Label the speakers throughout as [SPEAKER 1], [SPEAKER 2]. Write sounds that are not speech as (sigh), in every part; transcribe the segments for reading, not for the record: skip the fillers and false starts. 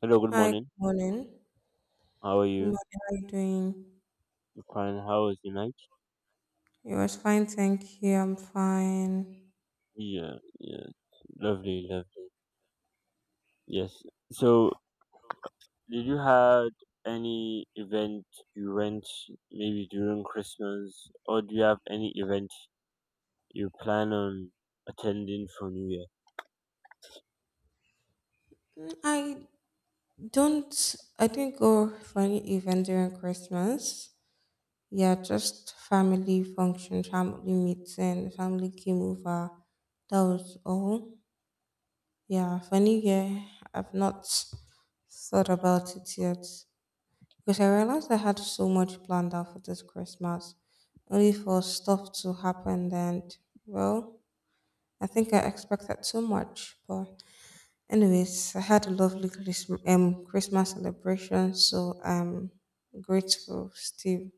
[SPEAKER 1] Hello, good
[SPEAKER 2] Hi, good
[SPEAKER 1] morning.
[SPEAKER 2] morning.
[SPEAKER 1] How are
[SPEAKER 2] Good
[SPEAKER 1] you?
[SPEAKER 2] morning, how are you doing?
[SPEAKER 1] I'm fine. How was your night?
[SPEAKER 2] It was fine, thank you. I'm fine.
[SPEAKER 1] Yeah, yeah. Lovely, lovely. Yes. So, did you have any event you went maybe during Christmas, or do you have any event you plan on attending for New Year?
[SPEAKER 2] Mm, I didn't go for any event during Christmas. Yeah, just family function, family meeting, family came over. That was all. Yeah, for New Year, I've not thought about it yet because I realized I had so much planned out for this Christmas, only for stuff to happen and, well, I think I expect that too much. But anyways, I had a lovely Christmas, Christmas celebration, so I'm grateful still.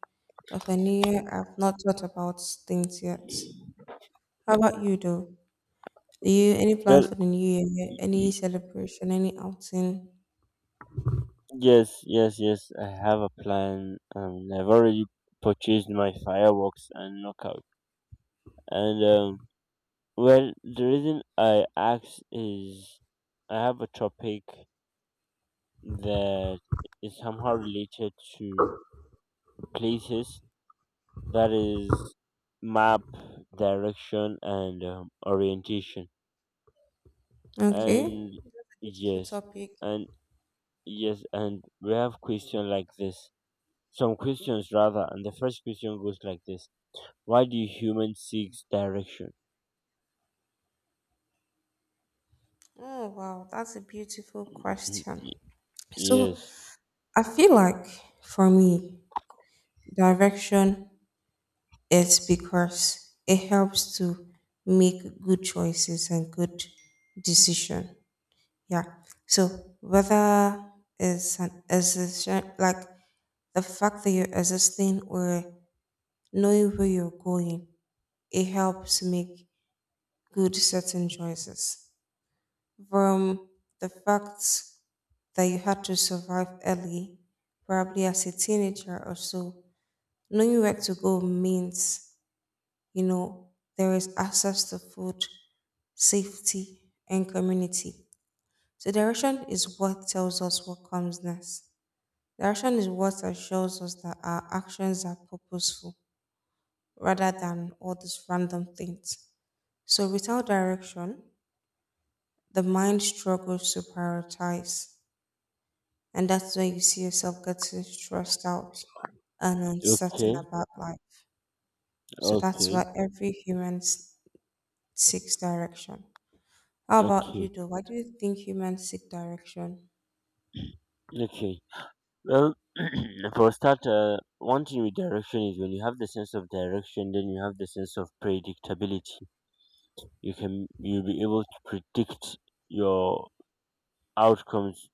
[SPEAKER 2] But for New Year, I've not thought about things yet. How about you though? Do you any
[SPEAKER 1] Well,
[SPEAKER 2] plans for the New Year?
[SPEAKER 1] y-
[SPEAKER 2] Any
[SPEAKER 1] y-
[SPEAKER 2] celebration? Any outing?
[SPEAKER 1] yes, yes, yes. I have a plan. I've already purchased my fireworks and knockout. And um, the reason I asked is I have a topic that is somehow related to places that is map direction and orientation
[SPEAKER 2] Okay,
[SPEAKER 1] and
[SPEAKER 2] that's a beautiful
[SPEAKER 1] yes
[SPEAKER 2] topic.
[SPEAKER 1] and yes and we have question like this, some questions rather, and the first question goes like this: why do humans seek direction?
[SPEAKER 2] Oh wow, that's a beautiful
[SPEAKER 1] Mm,
[SPEAKER 2] question.
[SPEAKER 1] y- yes.
[SPEAKER 2] So I feel like for me, direction, it's because it helps to make good choices and good decision. Yeah. So whether it's an existence like the fact that you're existing or knowing where you're going, it helps make good certain choices. From the fact that you had to survive early, probably as a teenager or so, knowing where to go means, you know, there is access to food, safety, and community. So direction is what tells us what comes next. Direction is what assures us that our actions are purposeful rather than all these random things. So without direction, the mind struggles to prioritize. And that's where you see yourself getting stressed out and uncertain
[SPEAKER 1] Okay.
[SPEAKER 2] about life. So that's
[SPEAKER 1] Okay.
[SPEAKER 2] why every seeks direction. How about you,
[SPEAKER 1] Okay.
[SPEAKER 2] though? Why do you think humans seek direction?
[SPEAKER 1] Okay. Well, (clears throat) for a start, one thing with direction is when you have the sense of direction, then you have the sense of predictability. You'll be able to predict your outcomes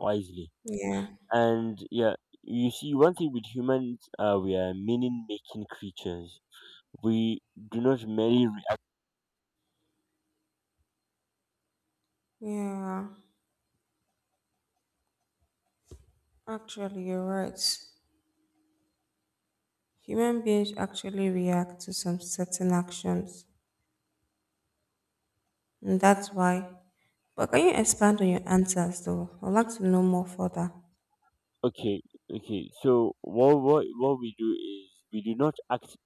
[SPEAKER 1] wisely.
[SPEAKER 2] Yeah.
[SPEAKER 1] And yeah, you see, one thing with humans, we are meaning making creatures. We do not merely react.
[SPEAKER 2] Yeah, actually, you're right. Human beings actually react to some certain actions, and that's why. But can you expand on your answers, though? I'd like to know more further.
[SPEAKER 1] Okay, okay. So what we do is we do not act.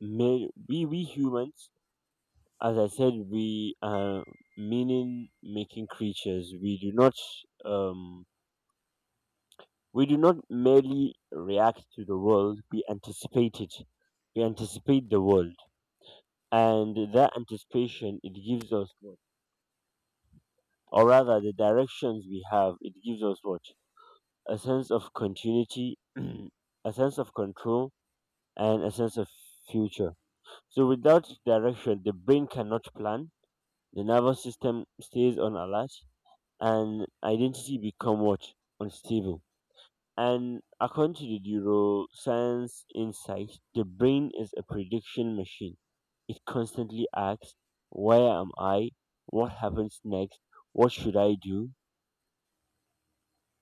[SPEAKER 1] We humans, as I said, we are meaning making creatures. Um, we do not merely react to the world, we anticipate it. We anticipate the world. And that anticipation, it gives us what? Or rather the directions we have, it gives us what? A sense of continuity, (clears throat) a sense of control, and a sense of future. So without direction the brain cannot plan, the nervous system stays on alert, and identity become what? Unstable. And according to the neuroscience insight, the brain is a prediction machine. It constantly asks, "Where am I? What happens next? What should I do?"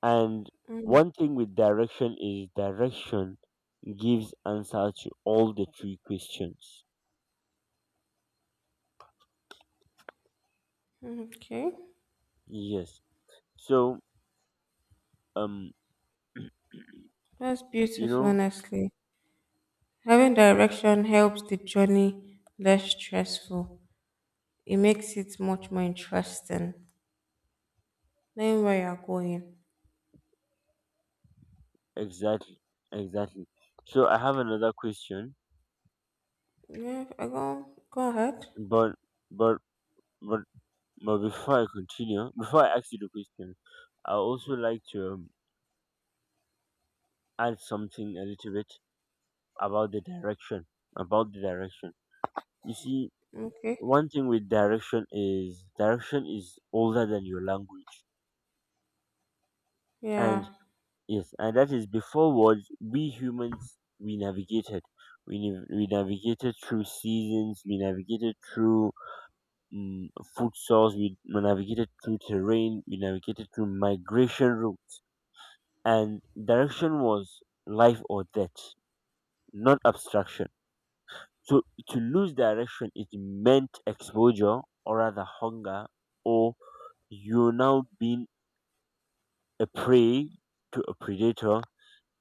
[SPEAKER 1] And one thing with direction is direction gives answer to all the three questions.
[SPEAKER 2] Okay,
[SPEAKER 1] Yes. So um,
[SPEAKER 2] that's
[SPEAKER 1] you
[SPEAKER 2] beautiful,
[SPEAKER 1] know
[SPEAKER 2] honestly. Having direction helps the journey less stressful. It makes it much more interesting. Knowing where you're going.
[SPEAKER 1] exactly, exactly. So I have another question,
[SPEAKER 2] Yeah, I go, go ahead.
[SPEAKER 1] but but but But before I continue, before I ask you the question, I also like to add something a little bit about the direction. About the direction, you see,
[SPEAKER 2] Okay.
[SPEAKER 1] one thing with direction is older than your language, and
[SPEAKER 2] Yeah.
[SPEAKER 1] yes, and that is before words. We humans we navigated. We navigated through seasons, we navigated through um, food source, we navigated through terrain, we navigated through migration routes, and direction was life or death, not abstraction. So to lose direction, it meant exposure, or rather hunger, or you're now being a prey to a predator,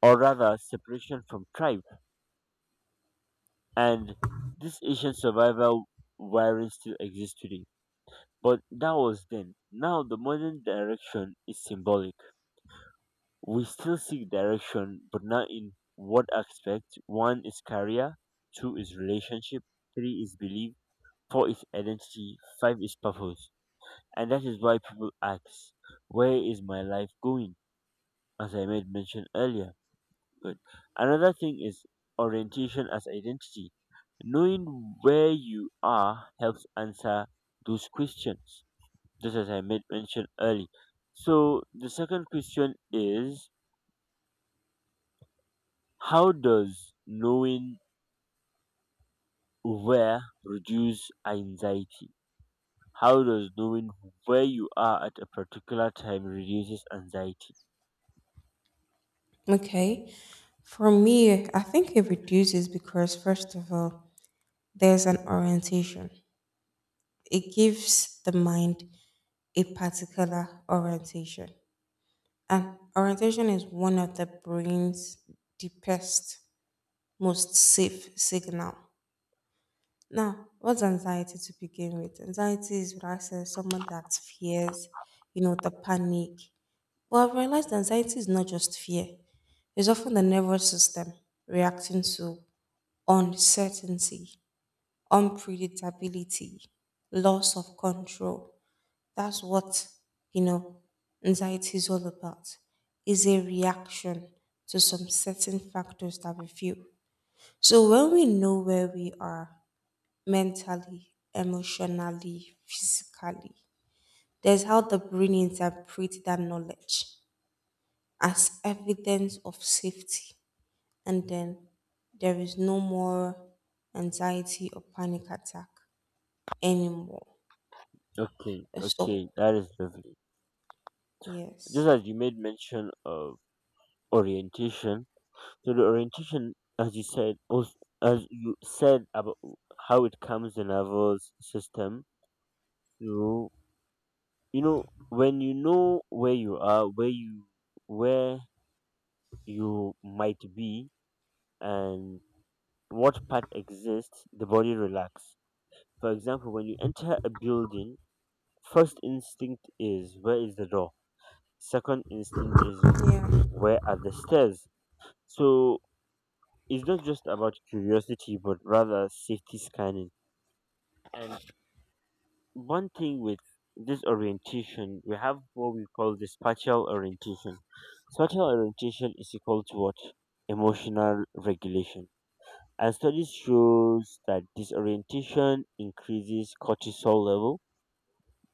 [SPEAKER 1] or rather separation from tribe. And this Asian survival wiring still exists today. But that was then. Now the modern direction is symbolic. We still seek direction, but not in what aspect? One is career, two is relationship, three is belief, four is identity, five is purpose. And that is why people ask, where is my life going? As I made mention earlier. But another thing is orientation as identity. Knowing where you are helps answer those questions, just as I made mention early. So the second question is: how does knowing where reduce anxiety? How does knowing where you are at a particular time reduces anxiety?
[SPEAKER 2] Okay. For me, I think it reduces because, first of all, there's an orientation. It gives the mind a particular orientation. And orientation is one of the brain's deepest, most safe signal. Now, what's anxiety to begin with? Anxiety is what I said, someone that fears, you know, the panic. But I've realized anxiety is not just fear, it's often the nervous system reacting to uncertainty, unpredictability, loss of control. That's what, you know, anxiety is all about. Is a reaction to some certain factors that we feel. So when we know where we are mentally, emotionally, physically, there's how the brain interprets that knowledge as evidence of safety. And then there is no more anxiety or panic attack anymore.
[SPEAKER 1] Okay,
[SPEAKER 2] So,
[SPEAKER 1] okay, that is lovely.
[SPEAKER 2] yes.
[SPEAKER 1] Just as you made mention of orientation, so the orientation, as you said, as you said about how it comes the nervous system. So you know when you know where you are, where you might be, and what part exists, the body relax. For example, when you enter a building, first instinct is where is the door? Second instinct is
[SPEAKER 2] Yeah.
[SPEAKER 1] where are the stairs? So it's not just about curiosity, but rather safety scanning. And one thing with this orientation, we have what we call the spatial orientation. Spatial orientation is equal to what? Emotional regulation, and studies shows that disorientation increases cortisol level,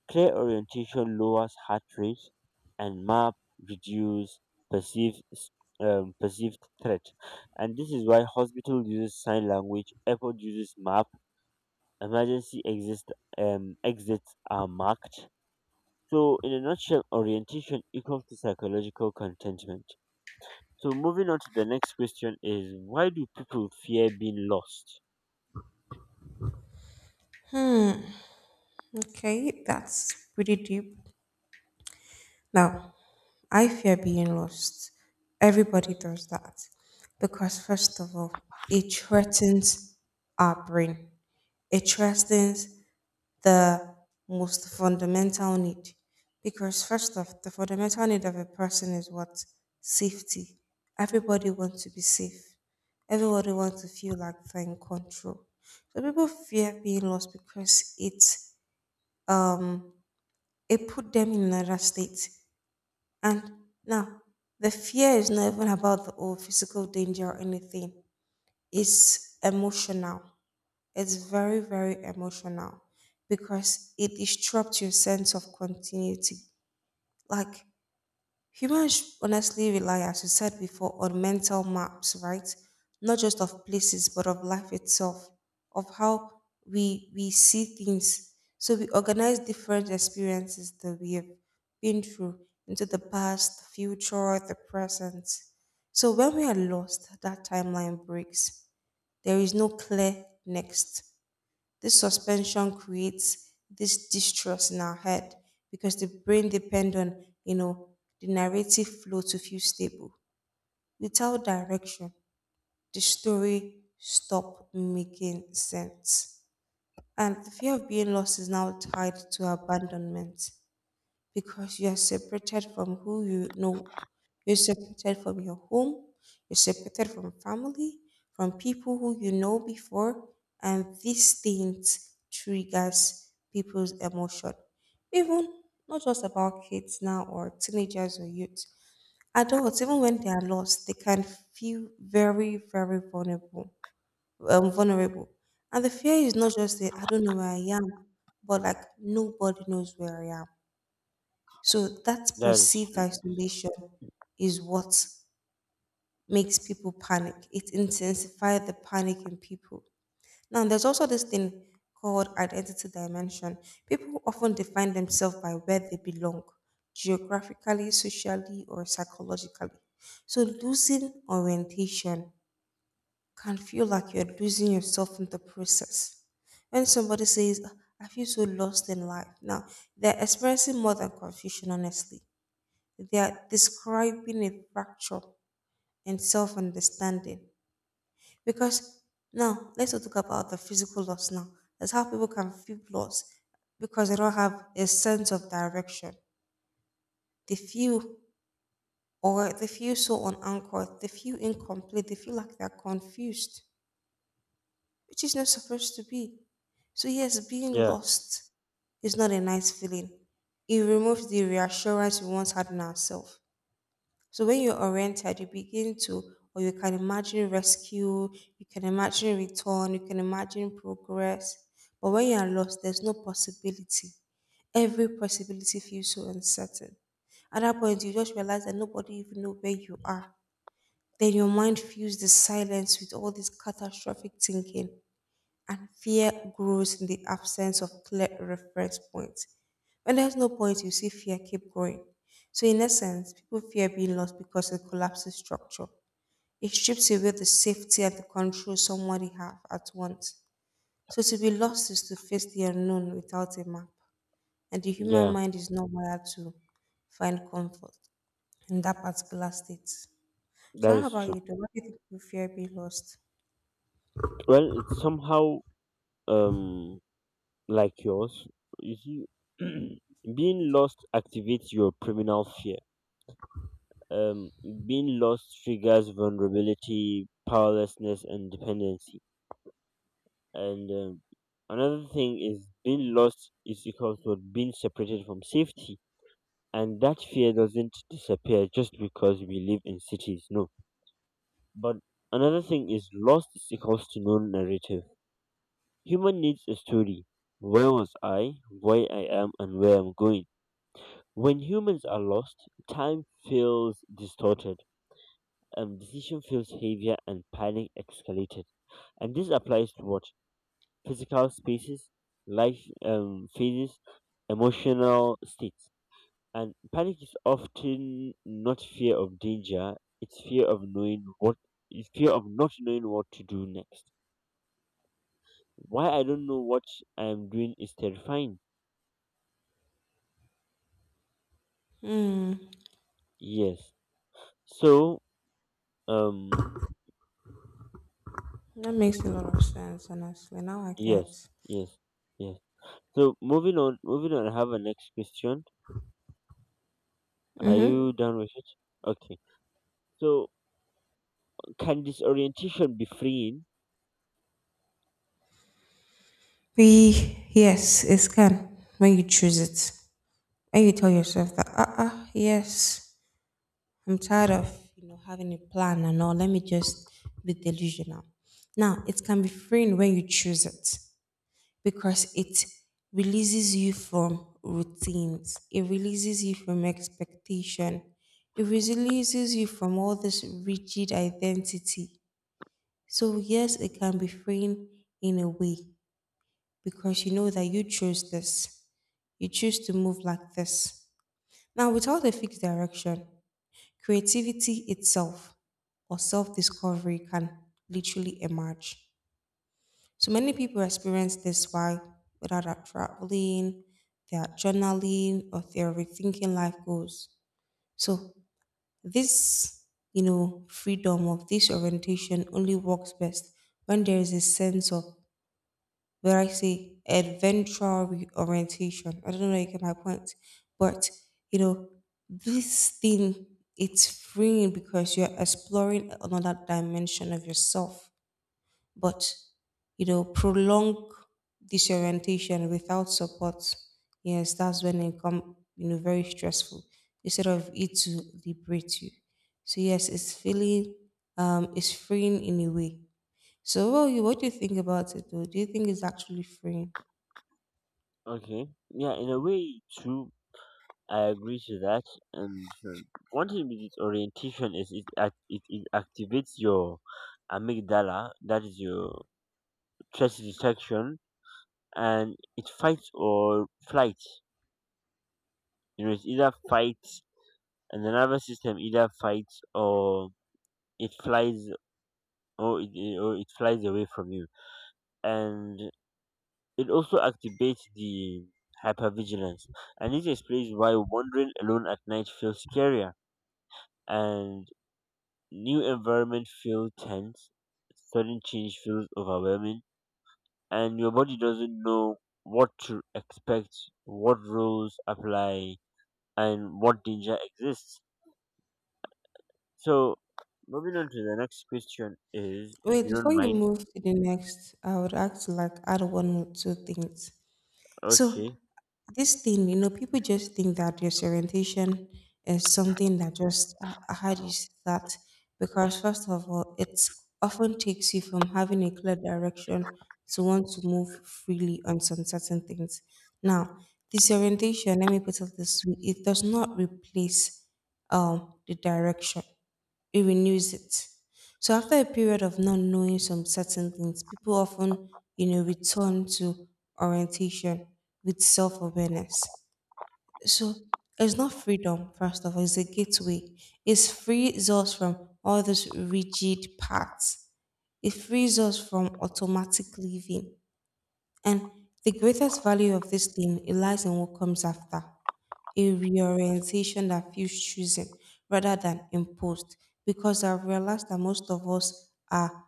[SPEAKER 1] clear orientation lowers heart rate, and map reduce perceived perceived threat. And this is why hospital uses sign language, airport uses map, emergency exist exits are marked. So, in a nutshell, orientation equals to psychological contentment. So, moving on to the next question is: why do people fear being lost?
[SPEAKER 2] Okay. That's pretty deep. Now, I fear being lost. Everybody does that. Because, first of all, it threatens our brain, it threatens the most fundamental need, because first off the fundamental need of a person is what? Safety. Everybody wants to be safe, everybody wants to feel like they're in control. So people fear being lost because it, um it put them in another state. And now the fear is not even about the old physical danger or anything, it's emotional. It's very, very emotional because it disrupts your sense of continuity. Like humans honestly rely, as you said before, on mental maps, right? Not just of places, but of life itself, of how we see things. So we organize different experiences that we have been through into the past, the future, the present. So when we are lost, that timeline breaks. There is no clear next. This suspension creates this distrust in our head because the brain depends on, you know, the narrative flow to feel stable. Without direction, the story stop making sense. And the fear of being lost is now tied to abandonment because you are separated from who you know. You're separated from your home, you're separated from family, from people who you know before, and these things triggers people's emotion. Even not just about kids now or teenagers or youth, adults, even when they are lost, they can feel very, very vulnerable. Vulnerable. And the fear is not just that I don't know where I am, but like nobody knows where I am, so that
[SPEAKER 1] That is
[SPEAKER 2] perceived
[SPEAKER 1] true.
[SPEAKER 2] isolation is what makes people panic. It intensifies the panic in people. Now, there's also this thing called identity dimension. People often define themselves by where they belong, geographically, socially, or psychologically. So, losing orientation can feel like you're losing yourself in the process. When somebody says, "Ah, I feel so lost in life," now they're experiencing more than confusion, honestly. They are describing a fracture in self understanding. Because now, let's not talk about the physical loss now. That's how people can feel loss because they don't have a sense of direction. They feel, or they feel so unanchored, they feel incomplete, they feel like they're confused, which is not supposed to be. So, yes, being
[SPEAKER 1] Yeah.
[SPEAKER 2] lost is not a nice feeling. It removes the reassurance we once had in ourselves. So when you're oriented, you begin to, or you can imagine rescue, you can imagine return, you can imagine progress. But when you are lost, there's no possibility. Every possibility feels so uncertain. At that point, you just realize that nobody even know where you are. Then your mind fills the silence with all this catastrophic thinking and fear grows in the absence of clear reference points. When there's no point, you see fear keep growing. So in essence, people fear being lost because it collapses structure. It strips away the safety and the control somebody have at once. So to be lost is to face the unknown without a map. And the human
[SPEAKER 1] Yeah,
[SPEAKER 2] mind is not wired to find comfort in that particular state. So
[SPEAKER 1] that
[SPEAKER 2] how
[SPEAKER 1] is
[SPEAKER 2] about
[SPEAKER 1] true.
[SPEAKER 2] you though? Why do you think people fear being lost?
[SPEAKER 1] Well, it's somehow um like yours. You see, (clears throat) being lost activates your criminal fear. Um, Being lost triggers vulnerability, powerlessness, and dependency. And Another thing is being lost is equals to being separated from safety, and that fear doesn't disappear just because we live in cities. No, but another thing is lost is equals to no narrative. Human needs a story. Where was I, where I am, and where I'm going. When humans are lost, time feels distorted, and decision feels heavier, and panic escalated. And this applies to what? Physical spaces, life phases, emotional states. And panic is often not fear of danger, it's fear of knowing what it's fear of not knowing what to do next. Why I don't know what I am doing is terrifying.
[SPEAKER 2] Hmm,
[SPEAKER 1] Yes. So, um,
[SPEAKER 2] that makes a lot of sense, honestly. Now I
[SPEAKER 1] yes,
[SPEAKER 2] get.
[SPEAKER 1] yes, yes. So moving on, I have a next question. Are you done with it? Okay. So, can disorientation be freeing?
[SPEAKER 2] Be yes, it's can when you choose it. When you tell yourself that, yes, I'm tired of you know having a plan and all. Let me just be delusional. Now it can be freeing when you choose it because it releases you from routines. It releases you from expectation. It releases you from all this rigid identity. So yes, it can be freeing in a way because you know that you chose this. You choose to move like this. Now, without a fixed direction, creativity itself or self discovery can literally emerge. So many people experience this while whether they're traveling, they're journaling, or they're rethinking life goals. So this, you know, freedom of this orientation only works best when there is a sense of, but I say adventure orientation. I don't know if you get my point, but you know, this thing, it's freeing because you're exploring another dimension of yourself. But you know, prolonged disorientation without support, yes, that's when it come you know very stressful instead of it to liberate you. So yes, it's freeing in a way. So what do you think about it though? Do you think it's actually freeing?
[SPEAKER 1] Okay. Yeah, in a way, true. I agree to that. And one thing with disorientation is it activates your amygdala, that is your stress detection, and it fights or flight. You know, it's either fight, and the nervous system either fights or it flies, or it flies away from you, and it also activates the hypervigilance, and this explains why wandering alone at night feels scarier, and new environment feels tense, sudden change feels overwhelming, and your body doesn't know what to expect, what rules apply, and what danger exists. So, moving on to the next question, is, if
[SPEAKER 2] Wait,
[SPEAKER 1] you
[SPEAKER 2] before
[SPEAKER 1] don't
[SPEAKER 2] you
[SPEAKER 1] mind.
[SPEAKER 2] move to the next, I would act like add one or two things. So
[SPEAKER 1] Okay.
[SPEAKER 2] this thing, you know, people just think that disorientation is something that just how do you say that? Because first of all, it often takes you from having a clear direction to want to move freely on some certain things. Now, disorientation, let me put it this way, it does not replace the direction, it renews it. So after a period of not knowing some certain things, people often, you know, return to orientation with self-awareness. So it's not freedom, first of all, it's a gateway. It frees us from all those rigid paths. It frees us from automatic living. And the greatest value of this thing it lies in what comes after a reorientation that feels chosen rather than imposed, because I've realized that most of us are,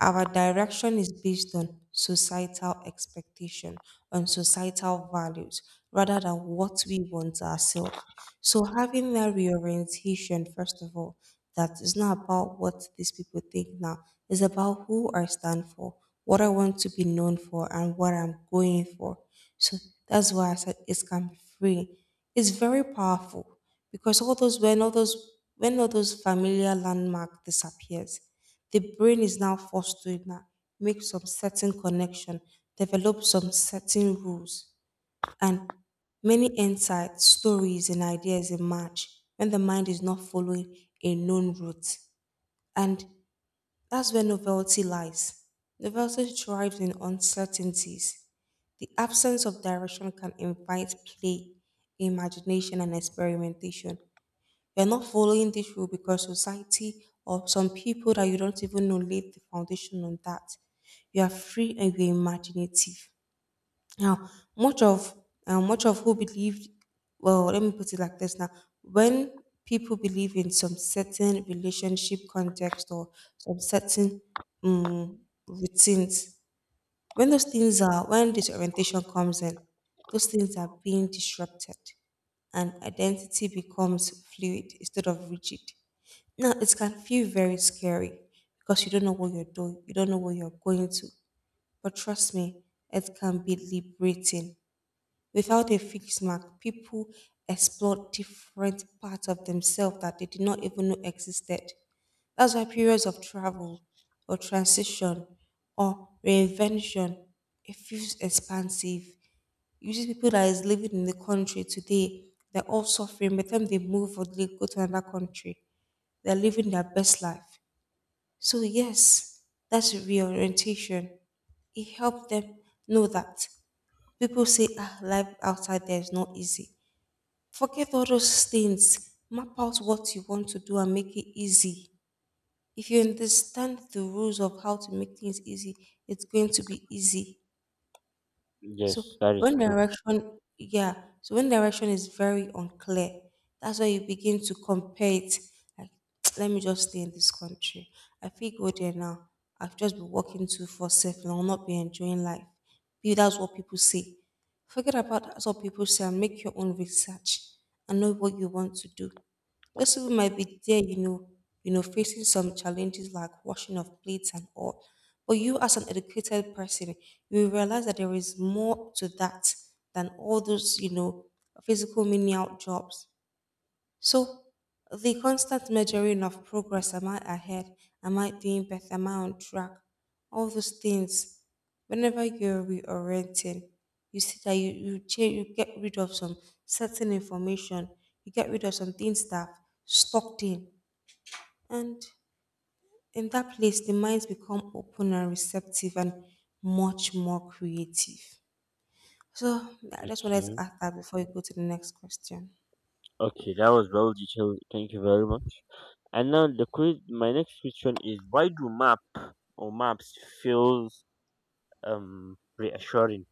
[SPEAKER 2] our direction is based on societal expectation, on societal values, rather than what we want ourselves. So having that reorientation, first of all, that is not about what these people think now. It's about who I stand for, what I want to be known for, and what I'm going for. So that's why I said it's can be free. It's very powerful because all those when all those when all those familiar landmark disappears, the brain is now forced to make some certain connection, develop some certain rules, and many insights, stories, and ideas emerge when the mind is not following a known route. And that's where novelty lies. Novelty thrives in uncertainties. The absence of direction can invite play, imagination, and experimentation. You're not following this rule because society or some people that you don't even know laid the foundation on that. You are free and you're imaginative. Now, much of much of who believed, well, let me put it like this now. When people believe in some certain relationship context or some certain um, routines, when those things are, when disorientation comes in, those things are being disrupted and identity becomes fluid instead of rigid. Now, it can feel very scary because you don't know what you're doing, you don't know where you're going to. But trust me, it can be liberating. Without a fixed mark, people explore different parts of themselves that they did not even know existed. That's why periods of travel or transition or reinvention, it feels expansive. You see people that is living in the country today, they're all suffering. By the time they move or they go to another country, they're living their best life. So yes, that's reorientation. It helped them know that people say ah, life outside there is not easy. Forget all those things. Map out what you want to do and make it easy if you understand the rules of how to make things easy, it's going to be easy. So
[SPEAKER 1] Yes, that is
[SPEAKER 2] when
[SPEAKER 1] true.
[SPEAKER 2] direction, yeah, so when direction is very unclear, that's why you begin to compare it. Like, (tsk) let me just stay in this country. I feel go there now. I've just been working too for self and I'll not be enjoying life. Maybe that's what people say. Forget about that's what people say and make your own research and know what you want to do. Those people might be there, facing some challenges like washing of plates and all. But you, as an educated person, you will realize that there is more to that than all those, physical menial jobs. So the constant measuring of progress, am I ahead? Am I doing better? Am I on track? All those things. Whenever you're reorienting, you see that you change you get rid of some certain information, you get rid of some things that have stocked in. And in that place the minds become open and receptive and much more creative. So I just wanted to
[SPEAKER 1] Okay.
[SPEAKER 2] ask that before you go to the next question.
[SPEAKER 1] Okay, that was well detailed. Thank you very much. And now the quiz, my next question is: why do map, or maps, feels reassuring?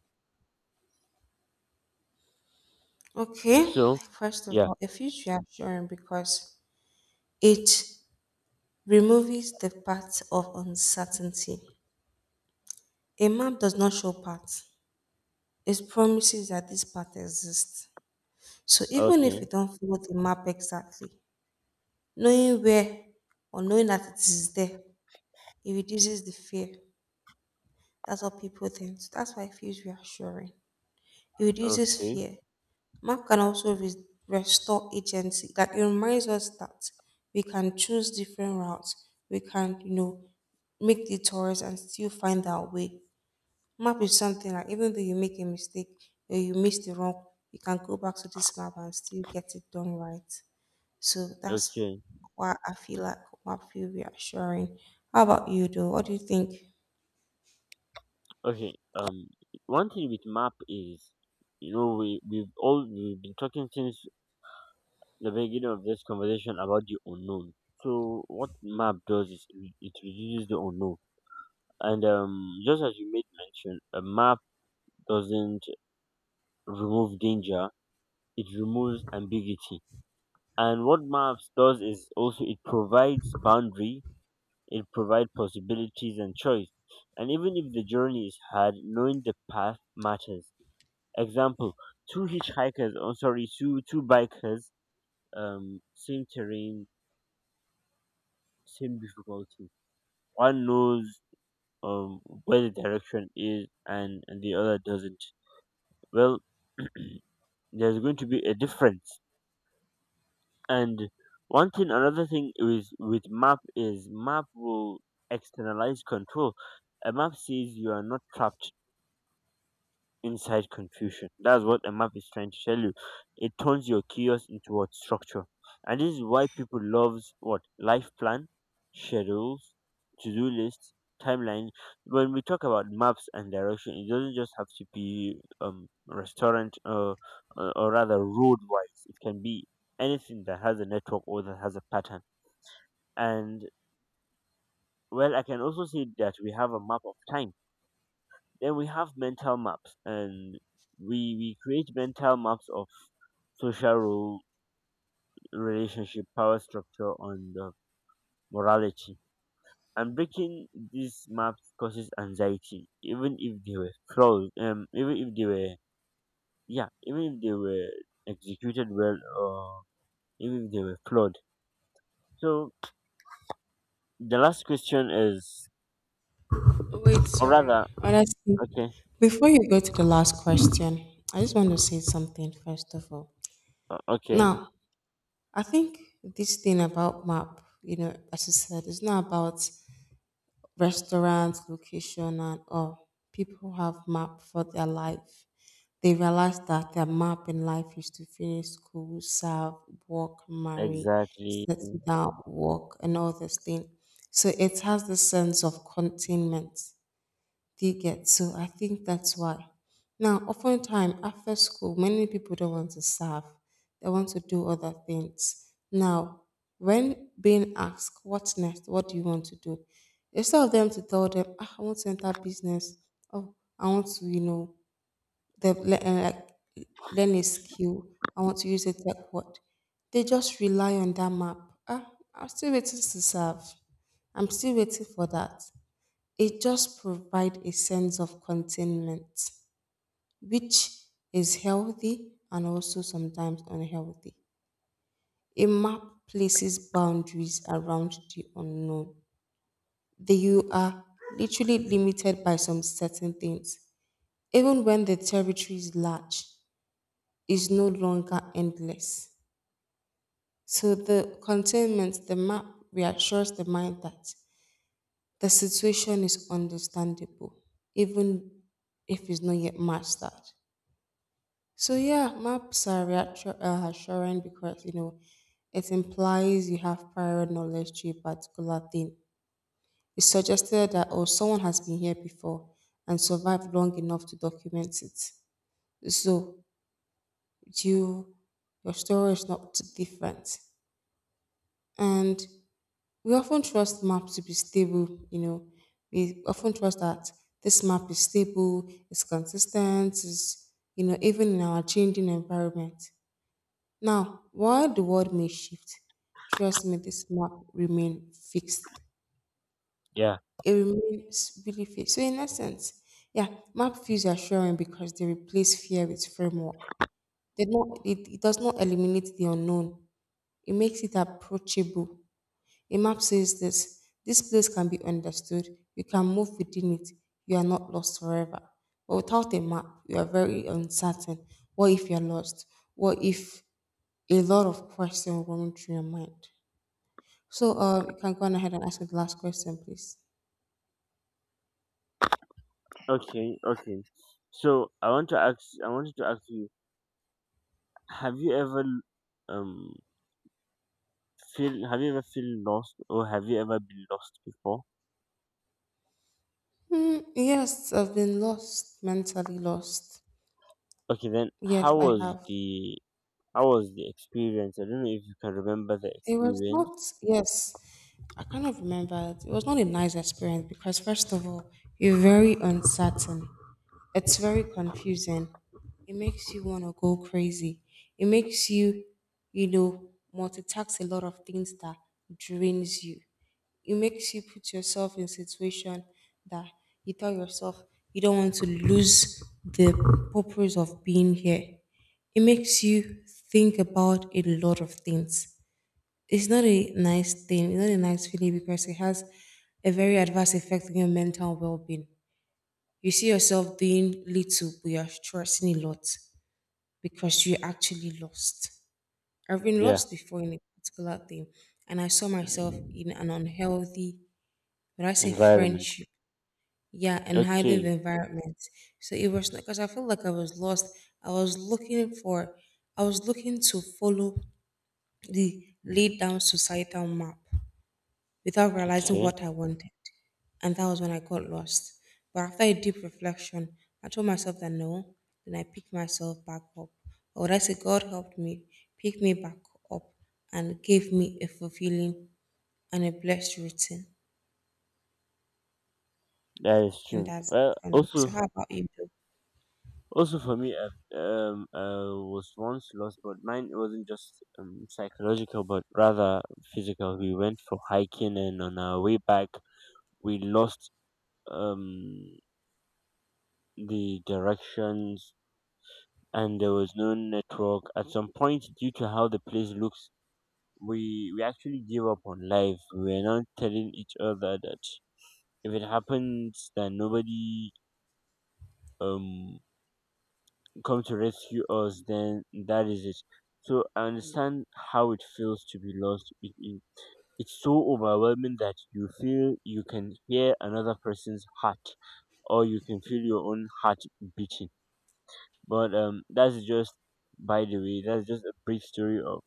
[SPEAKER 2] Okay,
[SPEAKER 1] So,
[SPEAKER 2] first of
[SPEAKER 1] yeah.
[SPEAKER 2] all, a future reassuring because it removes the path of uncertainty. A map does not show paths, it promises that this path exists. So even if you
[SPEAKER 1] Okay.
[SPEAKER 2] don't follow the map exactly, knowing where or knowing that it is there, it reduces the fear. That's what people think. So that's why it feels reassuring. It reduces
[SPEAKER 1] Okay.
[SPEAKER 2] fear. Map can also restore agency. That it reminds us that we can choose different routes. We can, make detours and still find our way. Map is something that even though you make a mistake or you miss the wrong, you can go back to this map and still get it done right. So that's
[SPEAKER 1] Okay.
[SPEAKER 2] why I feel like map feel reassuring. How about you though? What do you think?
[SPEAKER 1] Okay. One thing with map is, you know, we we've all we've been talking since the beginning of this conversation about the unknown. So what map does is it reduces the unknown. And Just as you made mention, a map doesn't remove danger, it removes ambiguity. And what maps does is also it provides boundary, it provides possibilities and choice. And even if the journey is hard, knowing the path matters. Example: two hitchhikers, oh sorry, two bikers, same terrain, same difficulty. One knows where the direction is, and the other doesn't. Well, (clears throat) there's going to be a difference. And another thing is with map is map will externalize control. A map says you are not trapped inside confusion. That's what a map is trying to tell you. It turns your chaos into what? Structure. And this is why people loves what? Life plan, schedules, to do lists, timeline. When we talk about maps and direction, it doesn't just have to be restaurant or rather road wise. It can be anything that has a network or that has a pattern. And well, I can also say that we have a map of time, then we have mental maps, and we create mental maps of social role, relationship, power structure, and morality. And breaking these maps causes anxiety, even if they were flawed, even if they were, yeah, even if they were executed well, or even if they were flawed. So the last question is,
[SPEAKER 2] Wait,
[SPEAKER 1] or rather,
[SPEAKER 2] sorry. Honestly,
[SPEAKER 1] okay,
[SPEAKER 2] before you go to the last question, I just want to say something first of all.
[SPEAKER 1] okay,
[SPEAKER 2] Now, I think this thing about map, as you said, it's not about restaurants, location, and all. People have map for their life. They realize that their map in life is to finish school, serve, work, marry,
[SPEAKER 1] exactly,
[SPEAKER 2] settle down, work, and all this thing. So it has this sense of containment, do you get? So I think that's why. Now, oftentimes after school, many people don't want to serve. They want to do other things. Now, when being asked, what's next? What do you want to do? Instead of them to tell them, ah, I want to enter business. Oh, I want to, like learn a skill. I want to use a tech word. They just rely on that map. Ah, I'm still waiting to serve. I'm still waiting for that. It just provides a sense of containment, which is healthy and also sometimes unhealthy. A map places boundaries around the unknown. That you are literally limited by some certain things. Even when the territory is large, is no longer endless. So the containment, the map reassures the mind that the situation is understandable, even if it's not yet mastered. So yeah, maps are assuring because you know it implies you have prior knowledge to a particular thing. It's suggested that oh someone has been here before and survived long enough to document it. So you your story is not different. And we often trust maps to be stable, you know. We often trust that this map is stable, it's consistent, it's you know, even in our changing environment. Now, while the world may shift, trust me, this map remain fixed.
[SPEAKER 1] yeah.
[SPEAKER 2] It remains really fixed. So, in essence, yeah, map feels assuring because they replace fear with framework. They not, it does not eliminate the unknown. It makes it approachable. A map says this: this place can be understood. You can move within it. You are not lost forever. But without a map, you are very uncertain. What if you're lost? What if a lot of questions run through your mind? So, you can go on ahead and ask me the last question, please.
[SPEAKER 1] Okay, okay. So I want to ask. I wanted to ask you: have you ever um feel? Have you ever feel lost, or have you ever been lost before?
[SPEAKER 2] Hmm, yes, I've been lost, mentally lost.
[SPEAKER 1] Okay, then
[SPEAKER 2] Yes, I have.
[SPEAKER 1] how was the experience? I don't know if you can remember the
[SPEAKER 2] It was
[SPEAKER 1] experience.
[SPEAKER 2] not, yes, I kind of remember it. It was not a nice experience because, first of all, you're very uncertain. It's very confusing. It makes you want to go crazy. It makes you, multitask a lot of things that drains you. It makes you put yourself in situation that you tell yourself you don't want to lose the purpose of being here. It makes you think about a lot of things. It's not a nice thing, it's not a nice feeling because it has a very adverse effect on your mental well being. You see yourself doing little, but you're stressing a lot because you are actually lost. I've been
[SPEAKER 1] Yeah.
[SPEAKER 2] lost before in a particular thing, and I saw myself in
[SPEAKER 1] (clears throat)
[SPEAKER 2] an unhealthy when I say
[SPEAKER 1] Environment.
[SPEAKER 2] friendship, yeah, and how I live
[SPEAKER 1] Okay.
[SPEAKER 2] environment. So it was because I felt like I was lost. I was looking for, I was looking to follow the laid down societal map without realizing
[SPEAKER 1] Okay.
[SPEAKER 2] what I wanted. And that was when I got lost. But after a deep reflection, I told myself that no, then I picked myself back up. Or would I say God helped me, picked me back up, and gave me a fulfilling and a blessed routine.
[SPEAKER 1] That is
[SPEAKER 2] And
[SPEAKER 1] true.
[SPEAKER 2] that's
[SPEAKER 1] Well,
[SPEAKER 2] for me. So, how
[SPEAKER 1] also.
[SPEAKER 2] about you?
[SPEAKER 1] Also for me, I've, I was once lost, but mine wasn't just psychological, but rather physical. We went for hiking, and on our way back, we lost um, the directions, and there was no network. At some point, due to how the place looks, we actually gave up on life. We were not telling each other that if it happens, that nobody um come to rescue us, then that is it. So I understand how it feels to be lost. It's so overwhelming that you feel you can hear another person's heart or you can feel your own heart beating. But that's just, by the way, that's just a brief story of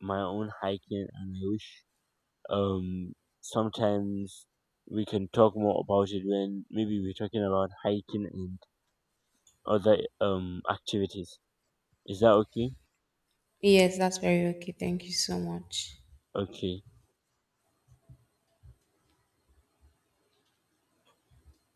[SPEAKER 1] my own hiking, and I wish um sometimes we can talk more about it when maybe we're talking about hiking and other activities. Is that okay?
[SPEAKER 2] Yes, that's very okay. Thank you so much.
[SPEAKER 1] Okay.